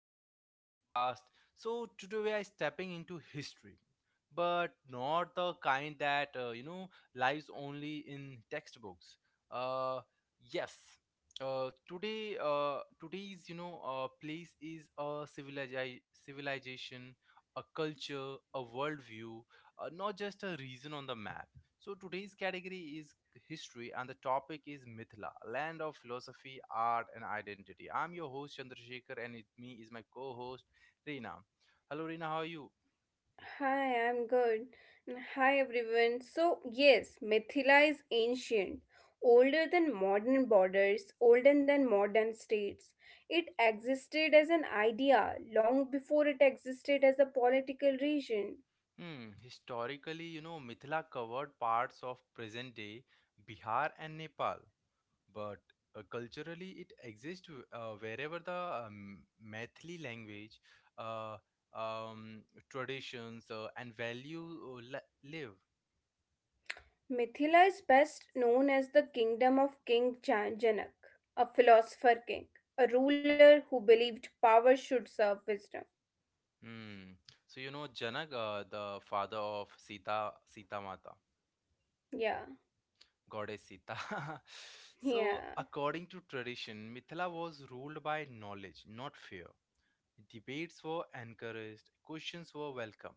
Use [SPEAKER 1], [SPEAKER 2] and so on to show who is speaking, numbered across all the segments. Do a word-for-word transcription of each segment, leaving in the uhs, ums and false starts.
[SPEAKER 1] to another podcast. So, today we are stepping into history, but not the kind that, uh, you know, lies only in textbooks. Uh, yes. Uh, today, uh, today's, you know, uh, place is a civiliza- civilization, a culture, a worldview, uh, not just a region on the map. So today's category is history, and the topic is Mithila, land of philosophy, art, and identity. I'm your host, Chandrasekhar, and with me is my co-host, Reena. Hello, Reena, how are you?
[SPEAKER 2] Hi, I'm good. And Hi, everyone. So, yes, Mithila is ancient, older than modern borders, older than modern states. It existed as an idea long before it existed as a political region.
[SPEAKER 1] Hmm, historically, you know, Mithila covered parts of present-day Bihar and Nepal, but, uh, culturally it exists w- uh, wherever the um, Maithili language, uh, um, traditions, uh, and value, uh, li- live.
[SPEAKER 2] Mithila is best known as the kingdom of King Jan- Janak, a philosopher king, a ruler who believed power should serve wisdom.
[SPEAKER 1] Hmm. So, you know Janak, uh, the father of Sita, Sita Mata,
[SPEAKER 2] Yeah,
[SPEAKER 1] goddess Sita. So
[SPEAKER 2] yeah.
[SPEAKER 1] according to tradition, Mithila was ruled by knowledge, not fear. Debates were encouraged, questions were welcomed.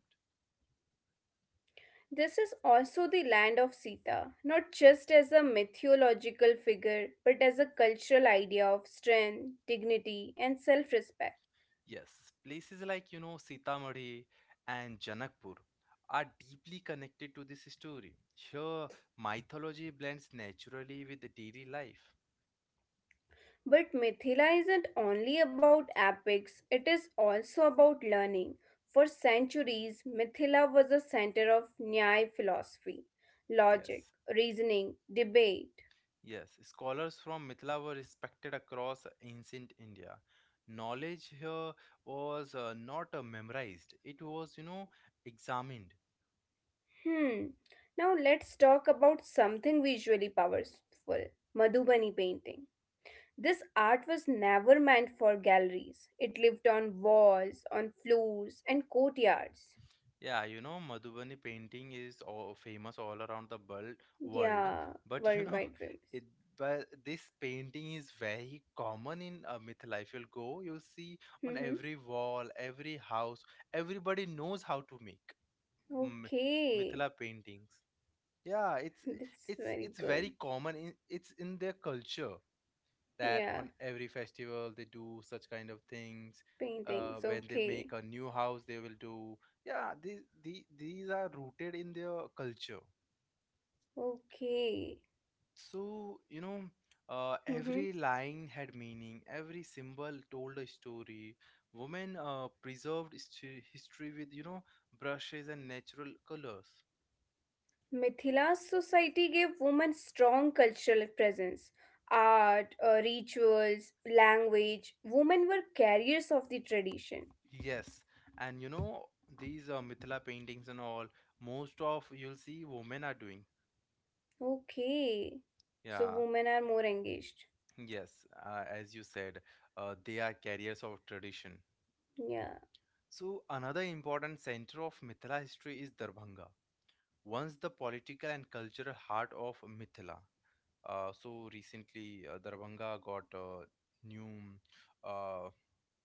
[SPEAKER 2] This is also the land of Sita, not just as a mythological figure, but as a cultural idea of strength, dignity, and self respect.
[SPEAKER 1] Yes, places like, you know Sitamarhi and Janakpur, are deeply connected to this story. Here, mythology blends naturally with the daily life.
[SPEAKER 2] But Mithila isn't only about epics, it is also about learning. For centuries, Mithila was a center of Nyaya philosophy, logic,
[SPEAKER 1] Yes.
[SPEAKER 2] reasoning, debate.
[SPEAKER 1] Yes, scholars from Mithila were respected across ancient India. Knowledge here was, uh, not, uh, memorized; it was, you know, examined.
[SPEAKER 2] Hmm, now let's talk about something visually powerful Madhubani painting. This art was never meant for galleries. It lived on walls, on floors, and courtyards.
[SPEAKER 1] Yeah, you know, Madhubani painting is all famous all around the world, world,
[SPEAKER 2] Yeah,
[SPEAKER 1] but you know,
[SPEAKER 2] worldwide famous.
[SPEAKER 1] it but this painting is very common in, uh, Mithila. If you'll go, you'll see on
[SPEAKER 2] Mm-hmm.
[SPEAKER 1] every wall, every house, everybody knows how to make, mm,
[SPEAKER 2] Okay,
[SPEAKER 1] Mithila paintings. Yeah, it's
[SPEAKER 2] that's
[SPEAKER 1] it's
[SPEAKER 2] very
[SPEAKER 1] it's very
[SPEAKER 2] good.
[SPEAKER 1] common in, it's in their culture that
[SPEAKER 2] Yeah,
[SPEAKER 1] on every festival they do such kind of things. Uh,
[SPEAKER 2] paintings.
[SPEAKER 1] when they
[SPEAKER 2] Okay,
[SPEAKER 1] make a new house, they will do. Yeah, these these, these are rooted in their culture.
[SPEAKER 2] okay.
[SPEAKER 1] So, you know uh,
[SPEAKER 2] Mm-hmm.
[SPEAKER 1] every line had meaning, every symbol told a story. Women, uh, preserved history, history with, you know brushes and natural colors.
[SPEAKER 2] Mithila's society gave women strong cultural presence. Art, uh, rituals, language. Women were carriers of the tradition.
[SPEAKER 1] Yes, and, you know these, uh, Mithila paintings and all, most of you'll see women are doing.
[SPEAKER 2] Okay, so
[SPEAKER 1] Yeah,
[SPEAKER 2] women are more engaged.
[SPEAKER 1] yes, uh, as you said, uh, they are carriers of tradition.
[SPEAKER 2] Yeah,
[SPEAKER 1] So another important center of Mithila history is Darbhanga, once the political and cultural heart of Mithila. Uh, so recently, uh, Darbhanga got, uh, new, uh,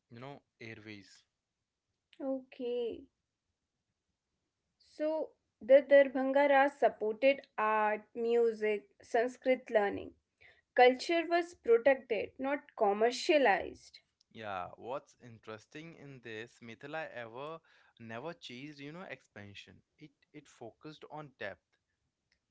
[SPEAKER 1] you know, airways.
[SPEAKER 2] okay. So the Darbhanga Raj supported art, music, Sanskrit learning. Culture was protected, not commercialized.
[SPEAKER 1] Yeah, what's interesting in this, Mithila ever never chased, you know, expansion. It it focused on depth.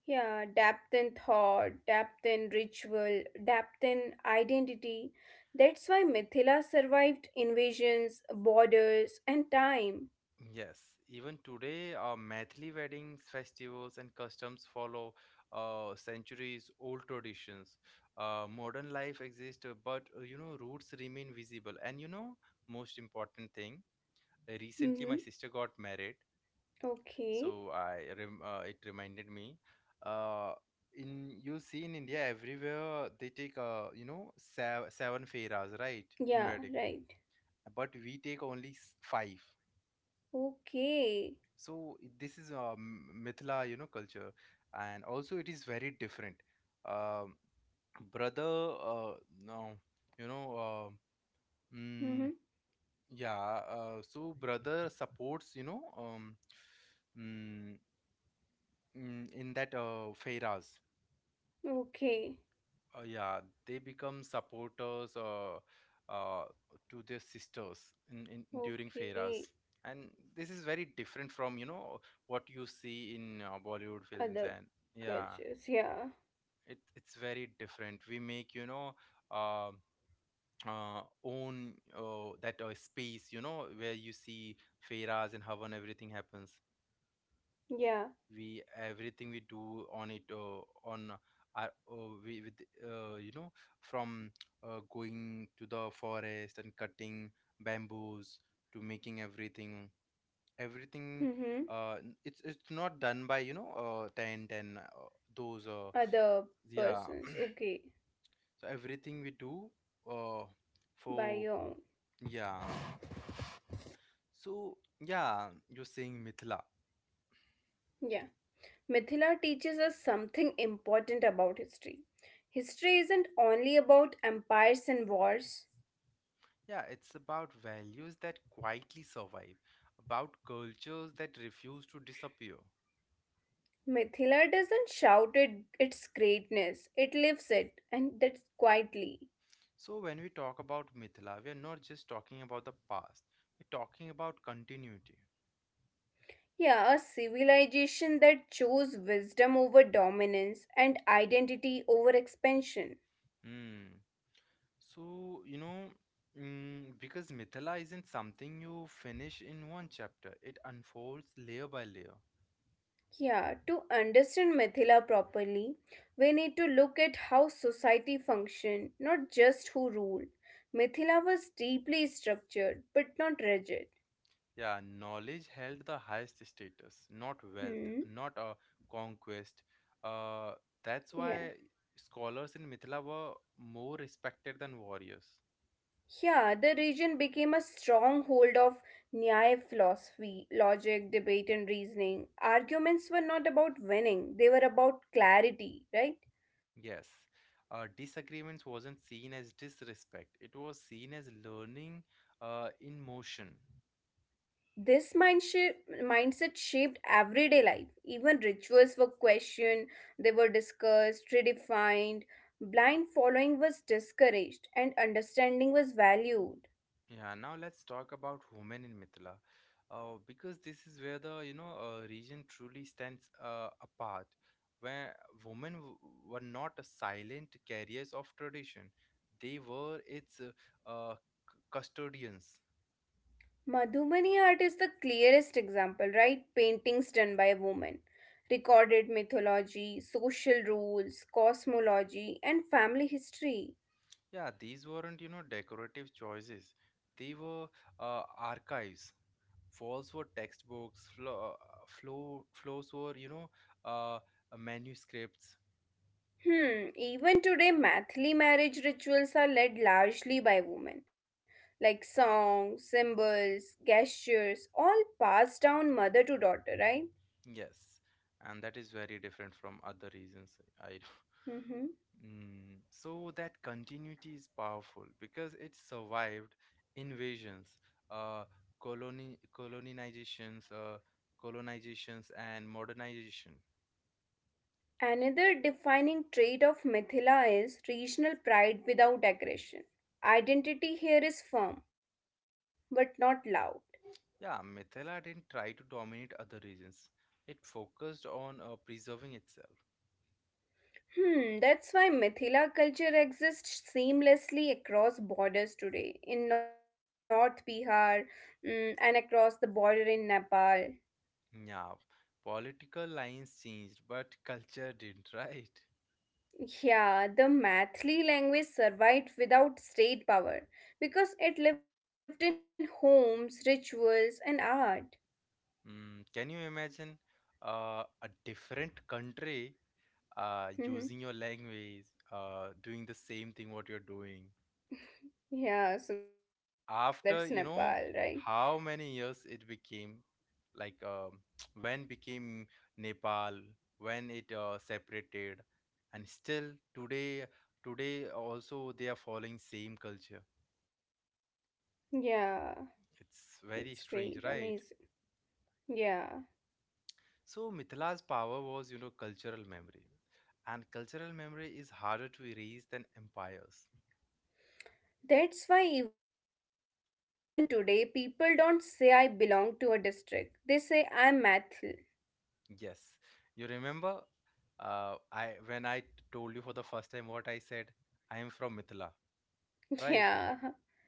[SPEAKER 2] Yeah, depth in thought, depth in ritual, depth in identity. That's why Mithila survived invasions, borders, and time.
[SPEAKER 1] Yes, even today, uh, Maithili weddings, festivals, and customs follow, uh, centuries-old traditions. Uh, modern life exists, uh, but, uh, you know, roots remain visible. And, you know, most important thing, recently my
[SPEAKER 2] Mm-hmm.
[SPEAKER 1] sister got married,
[SPEAKER 2] Okay.
[SPEAKER 1] so, i rem- uh, it reminded me, uh in you see, in India everywhere they take, uh you know sev- seven fairas, right, in
[SPEAKER 2] Yeah,
[SPEAKER 1] wedding,
[SPEAKER 2] right.
[SPEAKER 1] but we take only, s- five.
[SPEAKER 2] Okay.
[SPEAKER 1] So, i- this is a Mithila, you know culture. And also it is very different. um Brother, uh no, you know um mm,
[SPEAKER 2] Mm-hmm.
[SPEAKER 1] yeah. Uh, so brother supports, you know um mm, mm, in that, uh, fairas.
[SPEAKER 2] Okay.
[SPEAKER 1] Uh, yeah, they become supporters, uh, uh, to their sisters in, in during
[SPEAKER 2] Okay.
[SPEAKER 1] fairas, and this is very different from, you know what you see in, uh, Bollywood films.
[SPEAKER 2] Other
[SPEAKER 1] And yeah,
[SPEAKER 2] cultures, yeah,
[SPEAKER 1] it's it's very different. We make, you know uh, uh, own, uh, that, uh, space, you know, where you see fairas and how and everything happens.
[SPEAKER 2] yeah,
[SPEAKER 1] We Everything we do on it, uh, on our, uh, we with, uh, you know from, uh, going to the forest and cutting bamboos to making everything everything
[SPEAKER 2] mm-hmm.
[SPEAKER 1] uh n- it's it's not done by, you know uh tent and, uh, those uh
[SPEAKER 2] Other
[SPEAKER 1] yeah,
[SPEAKER 2] persons, okay,
[SPEAKER 1] so everything we do, uh
[SPEAKER 2] by
[SPEAKER 1] for —
[SPEAKER 2] your own,
[SPEAKER 1] yeah. So yeah, you're saying Mithila.
[SPEAKER 2] yeah. Mithila teaches us something important about history. History isn't only about empires and wars.
[SPEAKER 1] Yeah, it's about values that quietly survive, about cultures that refuse to disappear.
[SPEAKER 2] Mithila doesn't shout it, its greatness, it lives it, and that's quietly.
[SPEAKER 1] So, when we talk about Mithila, we are not just talking about the past, we're talking about continuity.
[SPEAKER 2] Yeah, a civilization that chose wisdom over dominance and identity over expansion.
[SPEAKER 1] Hmm. So, you know, mm, because Mithila isn't something you finish in one chapter, it unfolds layer by layer.
[SPEAKER 2] Yeah, to understand Mithila properly, we need to look at how society functioned, not just who ruled. Mithila was deeply structured, but not rigid.
[SPEAKER 1] Yeah, knowledge held the highest status, not wealth,
[SPEAKER 2] Hmm.
[SPEAKER 1] not a conquest. Uh, that's
[SPEAKER 2] Yeah.
[SPEAKER 1] why scholars in Mithila were more respected than warriors.
[SPEAKER 2] Yeah, the region became a stronghold of Nyaya philosophy, logic, debate, and reasoning. Arguments were not about winning, they were about clarity, right?
[SPEAKER 1] Yes, uh, disagreements wasn't seen as disrespect; it was seen as learning, uh, in motion.
[SPEAKER 2] This mind mindset shaped everyday life. Even rituals were questioned, they were discussed, redefined. Blind following was discouraged, and understanding was valued.
[SPEAKER 1] Yeah, now let's talk about women in Mithila, uh, because this is where the, you know uh, region truly stands, uh, apart, where women, w- were not a silent carriers of tradition; they were its, uh, uh, c- custodians.
[SPEAKER 2] Madhumani art is the clearest example, right? Paintings done by women, recorded mythology, social rules, cosmology, and family history.
[SPEAKER 1] Yeah, these weren't, you know decorative choices; they were, uh, archives. Walls were textbooks, flo- uh, floor floors were, you know uh, manuscripts.
[SPEAKER 2] Hmm, even today, Mathli marriage rituals are led largely by women, like songs, symbols, gestures, all passed down mother to daughter, right?
[SPEAKER 1] Yes, and that is very different from other reasons. I
[SPEAKER 2] Mm-hmm.
[SPEAKER 1] Mm, so that continuity is powerful because it survived invasions, uh, coloni colonizations, uh, colonizations, and modernization.
[SPEAKER 2] Another defining trait of Mithila is regional pride without aggression. Identity here is firm, but not loud.
[SPEAKER 1] Yeah, Mithila didn't try to dominate other regions. It focused on, uh, preserving itself.
[SPEAKER 2] Hmm, that's why Mithila culture exists seamlessly across borders today, in North Bihar mm, and across the border in Nepal.
[SPEAKER 1] Yeah, political lines changed, but culture didn't, right?
[SPEAKER 2] Yeah, the Mathli language survived without state power because it lived in homes, rituals, and art.
[SPEAKER 1] Mm, can you imagine, uh, a different country, uh, using
[SPEAKER 2] Mhm.
[SPEAKER 1] your language, uh, doing the same thing what you're doing
[SPEAKER 2] Yeah, so that's Nepal, right?
[SPEAKER 1] after, you know, how many years it became, like um, when became Nepal, when it, uh, separated, and still today, today also they are following same culture.
[SPEAKER 2] Yeah, that's
[SPEAKER 1] It's
[SPEAKER 2] great,
[SPEAKER 1] very
[SPEAKER 2] amazing.
[SPEAKER 1] strange, right?
[SPEAKER 2] Yeah,
[SPEAKER 1] So Mithila's power was, you know, cultural memory. And cultural memory is harder to erase than empires.
[SPEAKER 2] that's why even today people don't say I belong to a district, they say I'm Mathli.
[SPEAKER 1] Yes. You remember, uh, I when I t- told you for the first time what I said, I am from Mithila, right?
[SPEAKER 2] Yeah,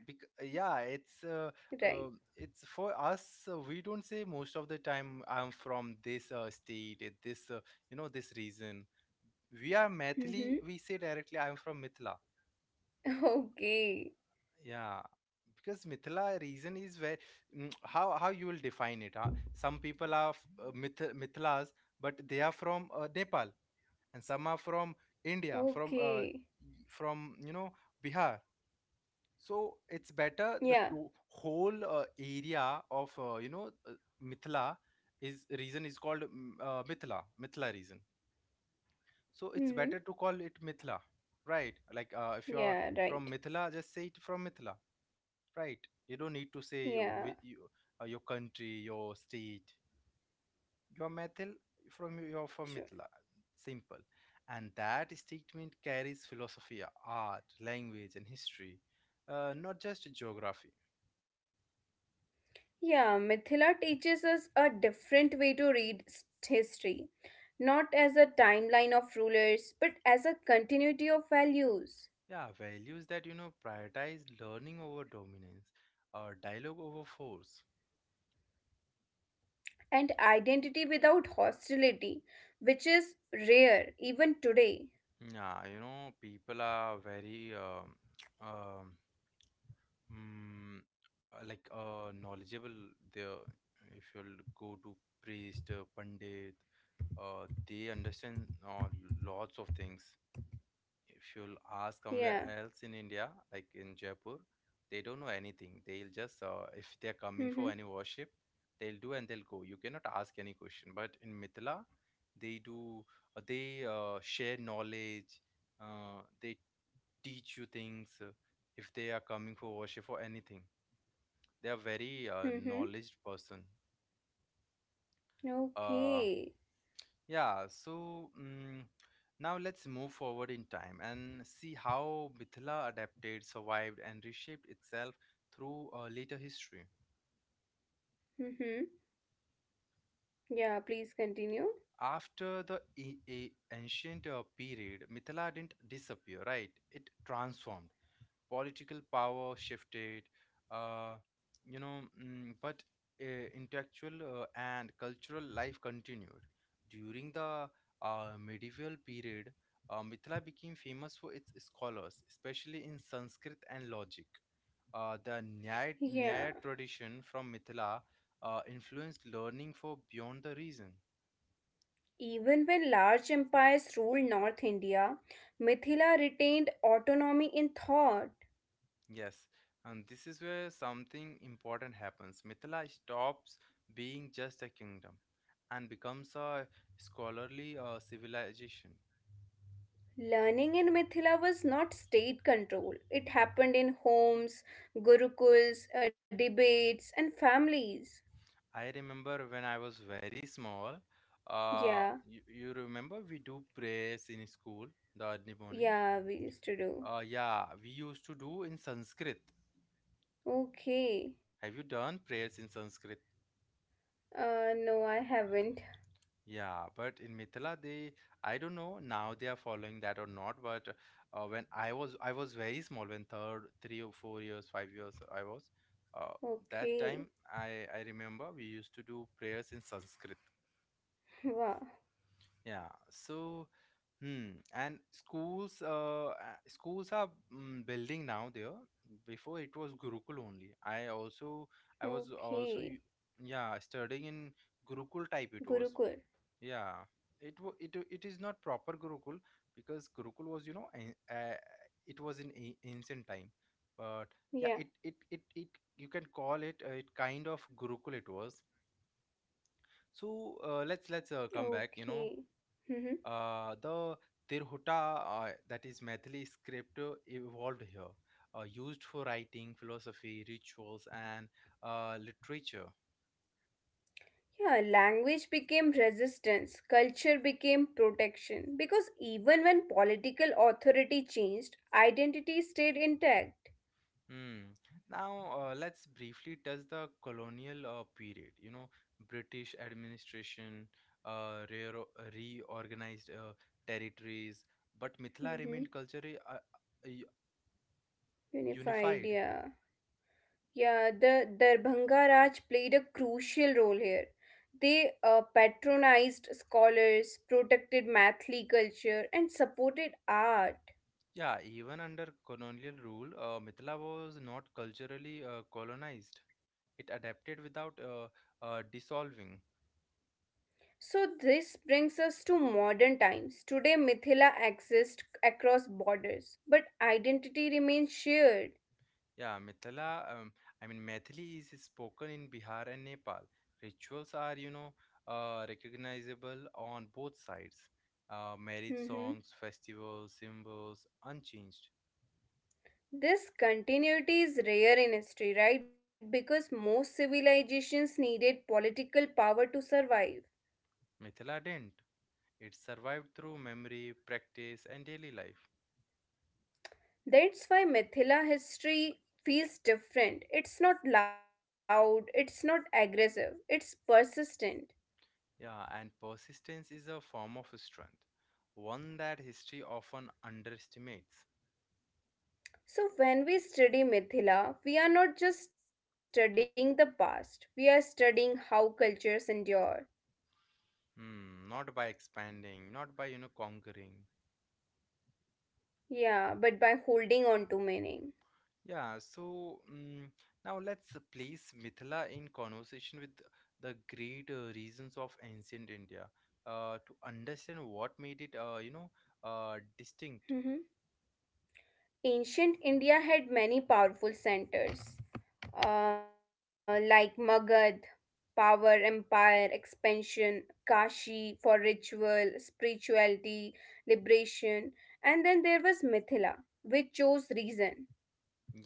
[SPEAKER 1] Because, yeah,
[SPEAKER 2] right.
[SPEAKER 1] it's uh, uh, it's for us. Uh, we don't say most of the time I'm from this, uh, state, uh, this uh, you know this region. We are
[SPEAKER 2] Mm-hmm.
[SPEAKER 1] Maithili. We say directly, I'm from Mithila.
[SPEAKER 2] Okay,
[SPEAKER 1] Yeah, because Mithila reason is where, mm, how how you will define it. Huh? Some people are, f- uh, Mith Mithilas, but they are from, uh, Nepal, and some are from India,
[SPEAKER 2] okay.
[SPEAKER 1] from, uh, y- from you know Bihar. So it's better the
[SPEAKER 2] Yeah,
[SPEAKER 1] to whole, uh, area of, uh, you know uh, Mithila is reason is called, mm, uh, Mithila Mithila reason. So it's
[SPEAKER 2] mm-hmm.
[SPEAKER 1] better to call it Mithila, right? Like, uh, if you're
[SPEAKER 2] Yeah,
[SPEAKER 1] from
[SPEAKER 2] right.
[SPEAKER 1] Mithila, just say it from Mithila, right? You don't need to say
[SPEAKER 2] Yeah.
[SPEAKER 1] you, wi- you, uh, your country, your state, your methil, from your
[SPEAKER 2] True.
[SPEAKER 1] from Mithila. Simple. And that statement carries philosophy, art, language and history, uh, not just geography.
[SPEAKER 2] Yeah, Mithila teaches us a different way to read s- history, not as a timeline of rulers, but as a continuity of values
[SPEAKER 1] Yeah, values that, you know prioritize learning over dominance, or dialogue over force.
[SPEAKER 2] and identity without hostility, which is rare even today.
[SPEAKER 1] Yeah, you know people are very, um, um, Mm, uh, like uh, knowledgeable there. If you'll go to priest, uh, pandit, uh, they understand, uh, lots of things. If you'll ask
[SPEAKER 2] Yeah.
[SPEAKER 1] somewhere else in India, like in Jaipur, they don't know anything. They'll just, uh, if they're
[SPEAKER 2] Mm-hmm.
[SPEAKER 1] coming for any worship, they'll do and they'll go. You cannot ask any question. But in Mithila, they do, uh, they uh, share knowledge, uh, they teach you things, uh, if they are coming for worship or anything. They are very, uh,
[SPEAKER 2] Mm-hmm.
[SPEAKER 1] knowledge person. uh
[SPEAKER 2] Okay.
[SPEAKER 1] yeah, so, mm now let's move forward in time and see how Mithila adapted, survived, and reshaped itself through, uh, later history.
[SPEAKER 2] Mm-hmm. Yeah, please continue.
[SPEAKER 1] After the, a- a- ancient, uh, period, Mithila didn't disappear, right? It transformed. Political power shifted, uh, you know, mm, but, uh, intellectual, uh, and cultural life continued. During the, uh, medieval period, uh, Mithila became famous for its scholars, especially in Sanskrit and logic. Uh, the Nyaya,
[SPEAKER 2] Yeah.
[SPEAKER 1] Nyaya tradition from Mithila, uh, influenced learning for beyond the reason.
[SPEAKER 2] Even when large empires ruled North India, Mithila retained autonomy in thought.
[SPEAKER 1] Yes, and this is where something important happens. Mithila stops being just a kingdom and becomes a scholarly, uh, civilization.
[SPEAKER 2] Learning in Mithila was not state control. It happened in homes, gurukuls, uh, debates, and families.
[SPEAKER 1] I remember when I was very small, uh,
[SPEAKER 2] Yeah,
[SPEAKER 1] you, you remember we do prayers in school the early morning?
[SPEAKER 2] yeah, we used to do.
[SPEAKER 1] Uh, yeah, we used to do in Sanskrit.
[SPEAKER 2] Okay.
[SPEAKER 1] Have you done prayers in Sanskrit?
[SPEAKER 2] Uh, no, I haven't.
[SPEAKER 1] Yeah, but in Mithila they, I don't know now they are following that or not, but, uh, when I was I was very small, when third three or four years five years I was, uh, that time,
[SPEAKER 2] Okay.
[SPEAKER 1] I I remember we used to do prayers in Sanskrit.
[SPEAKER 2] Wow.
[SPEAKER 1] Yeah, so, hmm and schools, uh uh, schools are, mm, building now there. Before it was Gurukul only. I also I was also,
[SPEAKER 2] Okay.
[SPEAKER 1] y- yeah, studying in Gurukul type it was.
[SPEAKER 2] Gurukul.
[SPEAKER 1] Yeah, it wa- it it is not proper Gurukul because Gurukul was, you know an- uh, it was in, a- ancient time, but yeah, it
[SPEAKER 2] Yeah.
[SPEAKER 1] it it it you can call it, uh, it kind of Gurukul it was. So, uh, let's let's uh, come back. You know,
[SPEAKER 2] Okay. Mm-hmm.
[SPEAKER 1] uh, the Tirhuta, uh, that is Maithili script, uh, evolved here, uh, used for writing, philosophy, rituals, and, uh, literature.
[SPEAKER 2] Yeah, language became resistance, culture became protection. Because even when political authority changed, identity stayed intact.
[SPEAKER 1] Hmm. Now, uh, let's briefly touch the colonial, uh, period. You know, British administration, uh, reo- reorganized, uh, territories, but Mithila
[SPEAKER 2] Mm-hmm.
[SPEAKER 1] remained culturally, uh, u-
[SPEAKER 2] Unified,
[SPEAKER 1] unified.
[SPEAKER 2] yeah. Yeah, the Darbhanga Raj played a crucial role here. They uh, patronized scholars, protected Mathli culture, and supported art.
[SPEAKER 1] Yeah, even under colonial rule, uh, Mithila was not culturally, uh, colonized. It adapted without, uh, uh, dissolving.
[SPEAKER 2] So, this brings us to modern times. Today, Mithila exists across borders, but identity remains shared.
[SPEAKER 1] Yeah, Mithila, um, I mean, Maithili is spoken in Bihar and Nepal. Rituals are, you know, uh, recognizable on both sides. Uh, marriage
[SPEAKER 2] Mhm.
[SPEAKER 1] songs, festivals, symbols, unchanged.
[SPEAKER 2] This continuity is rare in history, right? Because most civilizations needed political power to survive.
[SPEAKER 1] Mithila didn't. It survived through memory, practice, and daily life.
[SPEAKER 2] That's why Mithila history feels different. It's not loud, it's not aggressive, it's persistent.
[SPEAKER 1] Yeah, and persistence is a form of strength, one that history often underestimates.
[SPEAKER 2] So, when we study Mithila, we are not just studying the past, we are studying how cultures endure.
[SPEAKER 1] Hmm, not by expanding, not by, you know, conquering.
[SPEAKER 2] Yeah, but by holding on to meaning.
[SPEAKER 1] Yeah, so mm Now let's place Mithila in conversation with the great uh, reasons of ancient India uh, to understand what made it, uh, you know, uh, distinct.
[SPEAKER 2] Mhm. Ancient India had many powerful centers, uh, like Magad, power, empire, expansion, Kashi for ritual, spirituality, liberation, and then there was Mithila, which chose reason.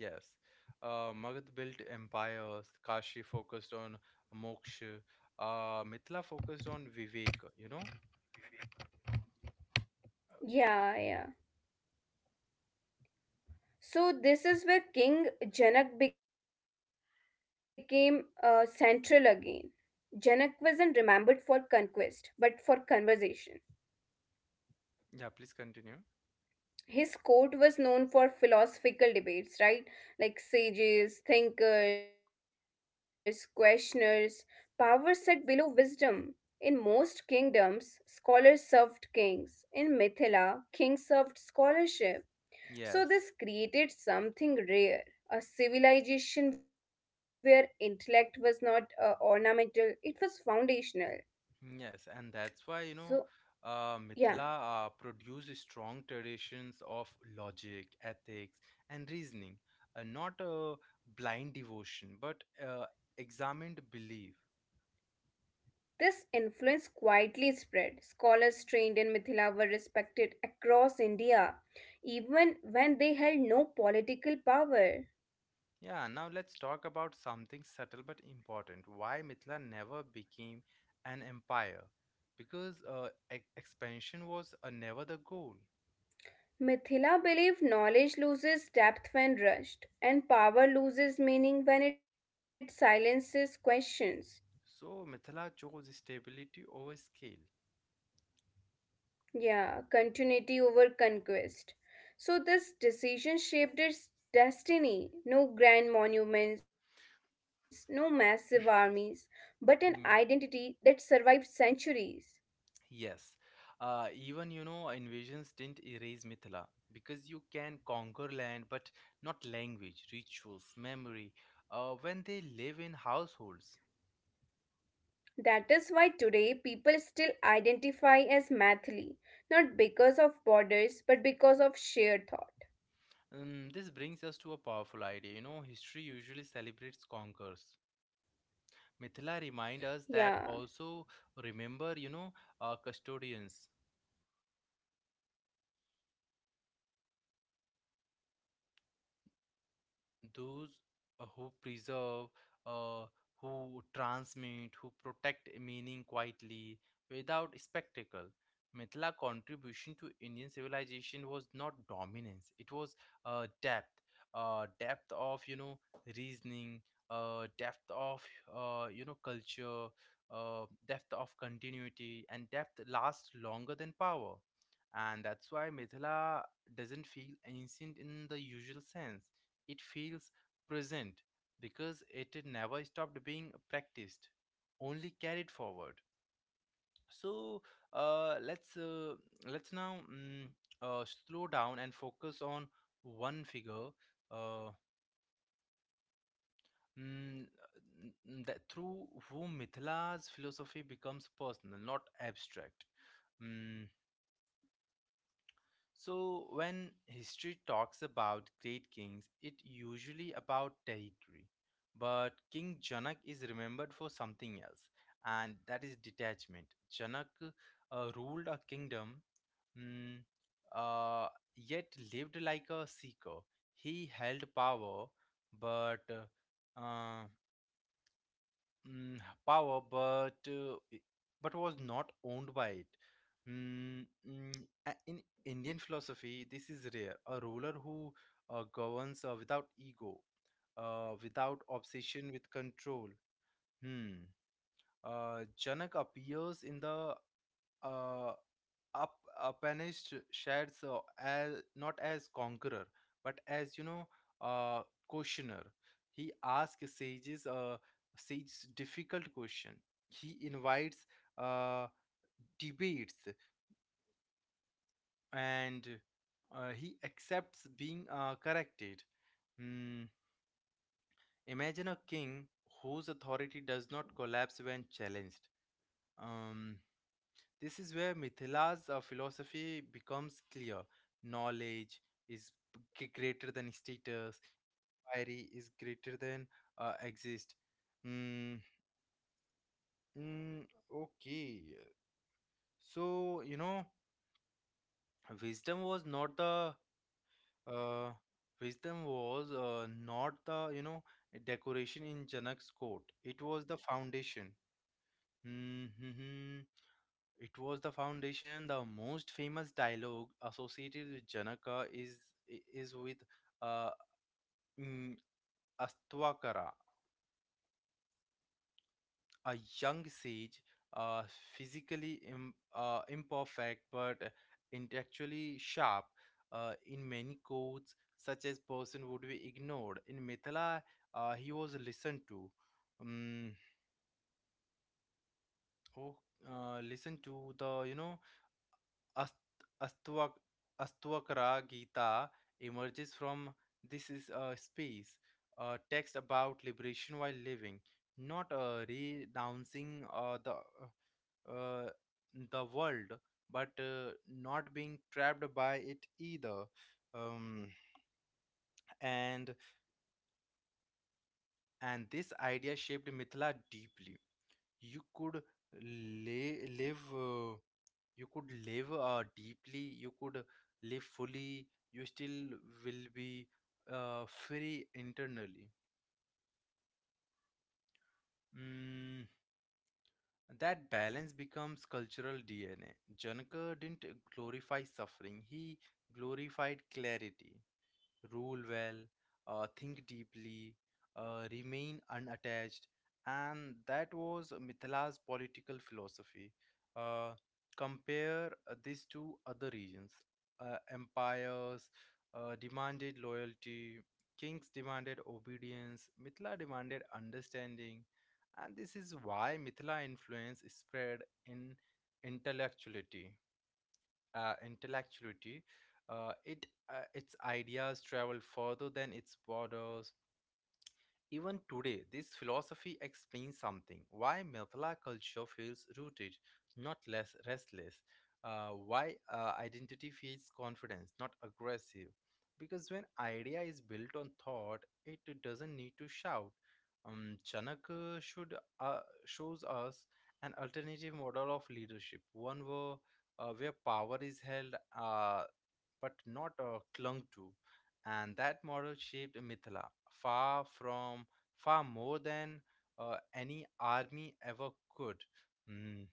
[SPEAKER 1] Yes, uh, Magad built empires, Kashi focused on moksha, uh, Mithila focused on Vivek, you know.
[SPEAKER 2] Yeah, yeah. So this is where King Janak became uh, central again. Janak wasn't remembered for conquest, but for conversation.
[SPEAKER 1] Yeah, please continue.
[SPEAKER 2] His court was known for philosophical debates, right? Like sages, thinkers, questioners, power sat below wisdom. In most kingdoms, scholars served kings. In Mithila, kings served scholarship. So this
[SPEAKER 1] Yes.
[SPEAKER 2] created something rare. A civilization where intellect was not uh, ornamental, it was foundational.
[SPEAKER 1] Yes, and that's why, you
[SPEAKER 2] So,
[SPEAKER 1] know, uh,
[SPEAKER 2] yeah.
[SPEAKER 1] Mithila uh, produced strong traditions of logic, ethics, and reasoning, uh, not a blind devotion, but uh, examined belief.
[SPEAKER 2] This influence quietly spread. Scholars trained in Mithila were respected across India, even when they held no political power.
[SPEAKER 1] Yeah, now let's talk about something subtle but important. Why Mithila never became an empire? Because uh, e- expansion was uh, never the goal.
[SPEAKER 2] Mithila believed knowledge loses depth when rushed, and power loses meaning when it silences questions.
[SPEAKER 1] So Mithila chose stability over scale.
[SPEAKER 2] Yeah, continuity over conquest. So, this decision shaped its destiny. No grand monuments, no massive armies, but an identity that survived centuries.
[SPEAKER 1] Yes, uh, even you know, invasions didn't erase Mithila because you can conquer land but not language, rituals, memory uh, when they live in households.
[SPEAKER 2] That is why today people still identify as Mathli, not because of borders, but because of shared thought.
[SPEAKER 1] Um, this brings us to a powerful idea. You know, history usually celebrates conquerors. Mithila
[SPEAKER 2] Yeah,
[SPEAKER 1] remind us that also remember, you know, uh, custodians.
[SPEAKER 2] those who preserve, who transmit, who protect meaning quietly without any spectacle.
[SPEAKER 1] Those uh, who preserve, uh, who transmit,
[SPEAKER 2] Mithila's,
[SPEAKER 1] who
[SPEAKER 2] you know,
[SPEAKER 1] protect
[SPEAKER 2] contribution
[SPEAKER 1] meaning
[SPEAKER 2] to Indian
[SPEAKER 1] quietly
[SPEAKER 2] civilization was
[SPEAKER 1] without
[SPEAKER 2] not
[SPEAKER 1] spectacle.
[SPEAKER 2] dominance, it was
[SPEAKER 1] Mithila
[SPEAKER 2] depth.
[SPEAKER 1] contribution to
[SPEAKER 2] Depth
[SPEAKER 1] Indian
[SPEAKER 2] of
[SPEAKER 1] civilization was
[SPEAKER 2] reasoning,
[SPEAKER 1] not
[SPEAKER 2] depth of
[SPEAKER 1] dominance; it
[SPEAKER 2] culture,
[SPEAKER 1] was
[SPEAKER 2] depth
[SPEAKER 1] uh,
[SPEAKER 2] of
[SPEAKER 1] depth,
[SPEAKER 2] continuity,
[SPEAKER 1] uh, depth
[SPEAKER 2] and
[SPEAKER 1] of
[SPEAKER 2] depth
[SPEAKER 1] you know
[SPEAKER 2] lasts longer.
[SPEAKER 1] reasoning, uh, depth of uh, you know culture, uh, depth of continuity, and depth lasts longer than power. And that's why Mithila doesn't feel ancient in the usual sense, it feels present because it never stopped being practiced, only carried forward. So uh, let's uh, let's now mm, uh, slow down and focus on one figure. Uh, mm, mm, that through whom Mithila's philosophy becomes personal, not abstract. Mm, So, when history talks about great kings, it usually about territory. But King Janak is remembered for something else, and that is detachment. Janak uh, ruled a kingdom, mm, uh, yet lived like a seeker. He held power, but uh, uh, mm, power, but uh, i- but was not owned by it. Mm, mm, a- in Indian philosophy, this is rare. A ruler who uh, governs uh, without ego, uh, without obsession with control. Hmm. Uh, Janak appears in the uh, up, Upanished shares uh, as not as conqueror, but as you know, uh, questioner. He asks sages, uh, sages difficult question. He invites uh, debates, and uh, he accepts being uh, corrected. Hmm. Imagine a king whose authority does not collapse when challenged. Um, This is where Mithila's uh, philosophy becomes clear. Knowledge is g- greater than status, inquiry is greater than uh, exist. Mm, mm, okay. So, you know, wisdom was not the. Uh, wisdom was uh, not the, you know, decoration in Janak's court. It was the foundation. Mhm. It was the foundation. The most famous dialogue associated with Janaka is is with uh, mm, Astvakara, a young sage, uh, physically im- uh, imperfect but intellectually sharp. Uh, in many courts, such as person would be ignored. In Mithila, uh, he was listened to. Um, oh, uh, listened to the you know Ast- Astvak- Astvakara Gita emerges from this is a space, a text about liberation while living, not uh, renouncing uh, the uh, uh, the world, but uh, not being trapped by it either. Um, and and this idea shaped Mithila deeply. you could lay, live uh, you could live uh, deeply, you could live fully, you still will be uh, free internally. mm, that balance becomes cultural D N A. Janaka didn't glorify suffering, he glorified clarity. Rule well, uh, think deeply, uh, remain unattached, and that was Mithila's political philosophy. Uh, Compare uh, this to other regions. Uh, empires uh, demanded loyalty, kings demanded obedience, Mithila demanded understanding, and this is why Mithila influence spread in intellectuality uh, intellectuality, uh, it uh, its ideas travel further than its borders. Even today, this philosophy explains something why Mathila culture feels rooted, not less restless, uh, why uh, identity feels confidence, not aggressive. Because when idea is built on thought, it doesn't need to shout. Um, Chanak uh, should uh, shows us an alternative model of leadership, one where, uh, where power is held uh, but not uh, clung to, and that model shaped Mithila far from far more than uh, any army ever could. Mm.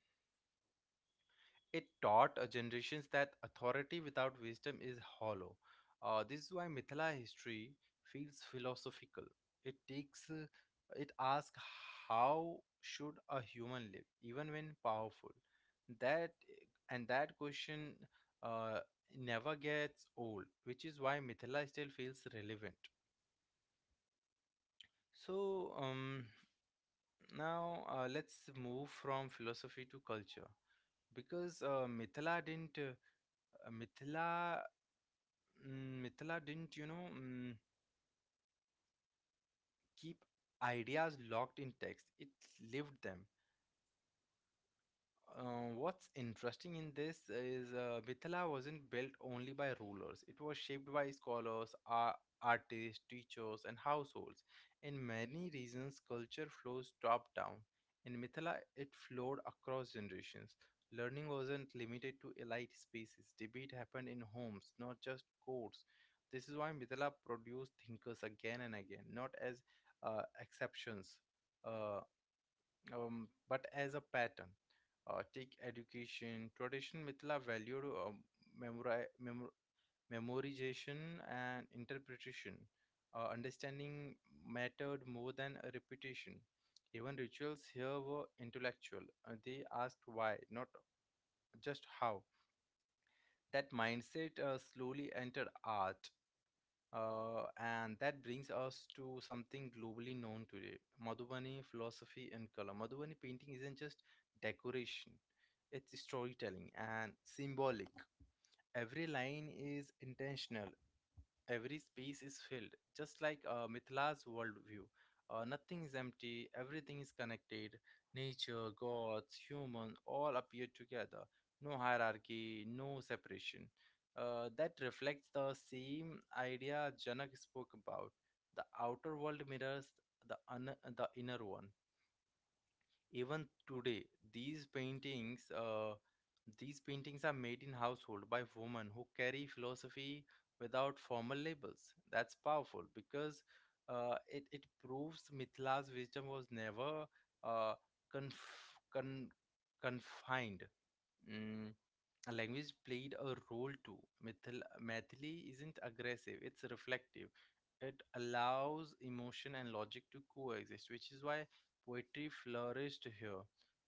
[SPEAKER 1] It taught uh, generations that authority without wisdom is hollow. Uh, this is why Mithila history feels philosophical. It takes, uh, it asks how should a human live, even when powerful. That and that question uh, never gets old, which is why Mithila still feels relevant. So, um, now uh, let's move from philosophy to culture, because uh, Mithila didn't uh, uh, Mithila mm, Mithila didn't you know mm, keep ideas locked in text. It lived them. Uh, what's interesting in this is uh, Mithila wasn't built only by rulers. It was shaped by scholars, ar- artists, teachers, and households. In many regions, culture flows top down. In Mithila, it flowed across generations. Learning wasn't limited to elite spaces. Debate happened in homes, not just courts. This is why Mithila produced thinkers again and again, not as uh, exceptions, uh, um, but as a pattern. Uh, take education, tradition Mithila valued um, memori- memor- memorization and interpretation. Uh, understanding mattered more than a repetition. Even rituals here were intellectual. Uh, they asked why, not just how. That mindset uh, slowly entered art, uh, and that brings us to something globally known today: Madhubani philosophy and color. Madhubani painting isn't just decoration, it's storytelling and symbolic. Every line is intentional, every space is filled, just like uh, Mithila's worldview. Uh, nothing is empty, everything is connected. Nature, gods, humans all appear together. No hierarchy, no separation. Uh, that reflects the same idea Janak spoke about. The outer world mirrors the, un- the inner one. Even today, these paintings, uh, these paintings are made in household by women who carry philosophy without formal labels. That's powerful because uh, it it proves Mithila's wisdom was never uh, conf- con- confined. Mm, a language played a role too. Mithil- Mathili isn't aggressive, it's reflective. It allows emotion and logic to coexist, which is why poetry flourished here.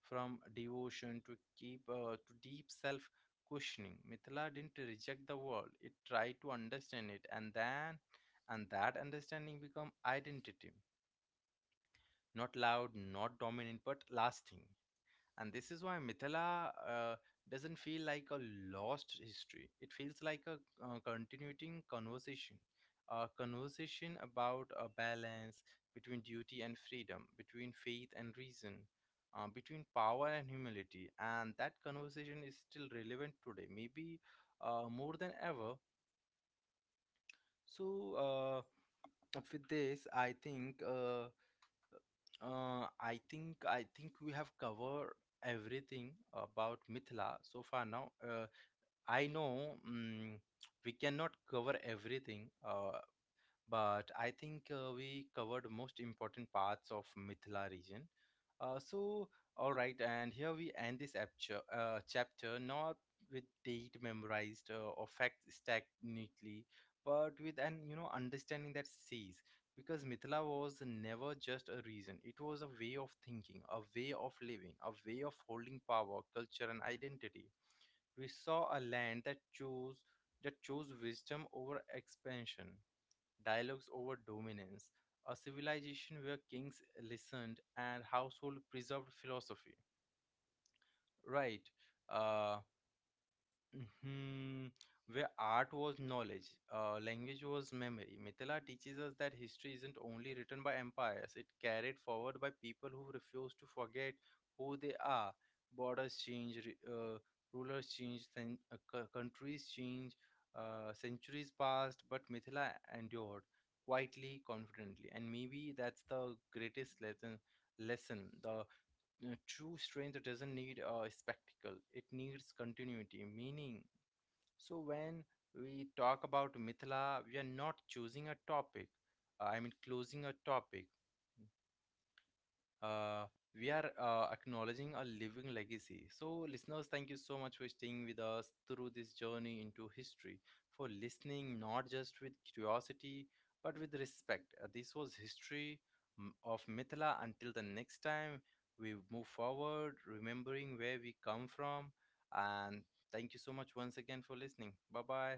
[SPEAKER 1] From devotion to keep uh, to deep self questioning, Mithila didn't reject the world. It tried to understand it, and then and that understanding become identity. Not loud, not dominant, but lasting. And this is why Mithila uh, doesn't feel like a lost history. It feels like a uh, continuing conversation, a conversation about a balance between duty and freedom, between faith and reason, uh, between power and humility. And that conversation is still relevant today, maybe uh, more than ever. So, uh, with this, I think. Uh, uh, I think I think we have covered everything about Mithila so far now. Uh, I know, mm we cannot cover everything. Uh, but I think uh, we covered most important parts of Mithila region. Uh, so, all right, and here we end this apcha- uh, chapter not with date memorized uh, or facts stacked neatly, but with an you know understanding that sees, because Mithila was never just a region; it was a way of thinking, a way of living, a way of holding power, culture, and identity. We saw a land that chose that chose wisdom over expansion, dialogues over dominance, a civilization where kings listened and household preserved philosophy. Right. Uh, hmm Where art was knowledge, uh, language was memory. Mithila teaches us that history isn't only written by empires, it carried forward by people who refuse to forget who they are. Borders change, re- uh, rulers change, cen- uh, cou- countries change, uh, centuries passed, but Mithila endured quietly, confidently. And maybe that's the greatest lesson. lesson. The uh, true strength doesn't need a spectacle, it needs continuity, meaning. So when we talk about Mithila, we are not choosing a topic, uh, I mean, closing a topic. Uh, we are uh, acknowledging a living legacy. So, listeners, thank you so much for staying with us through this journey into history, for listening not just with curiosity but with respect. Uh, this was history mm, of Mithila. Until the next time, we move forward, remembering where we come from, and thank you so much once again for listening. Bye bye.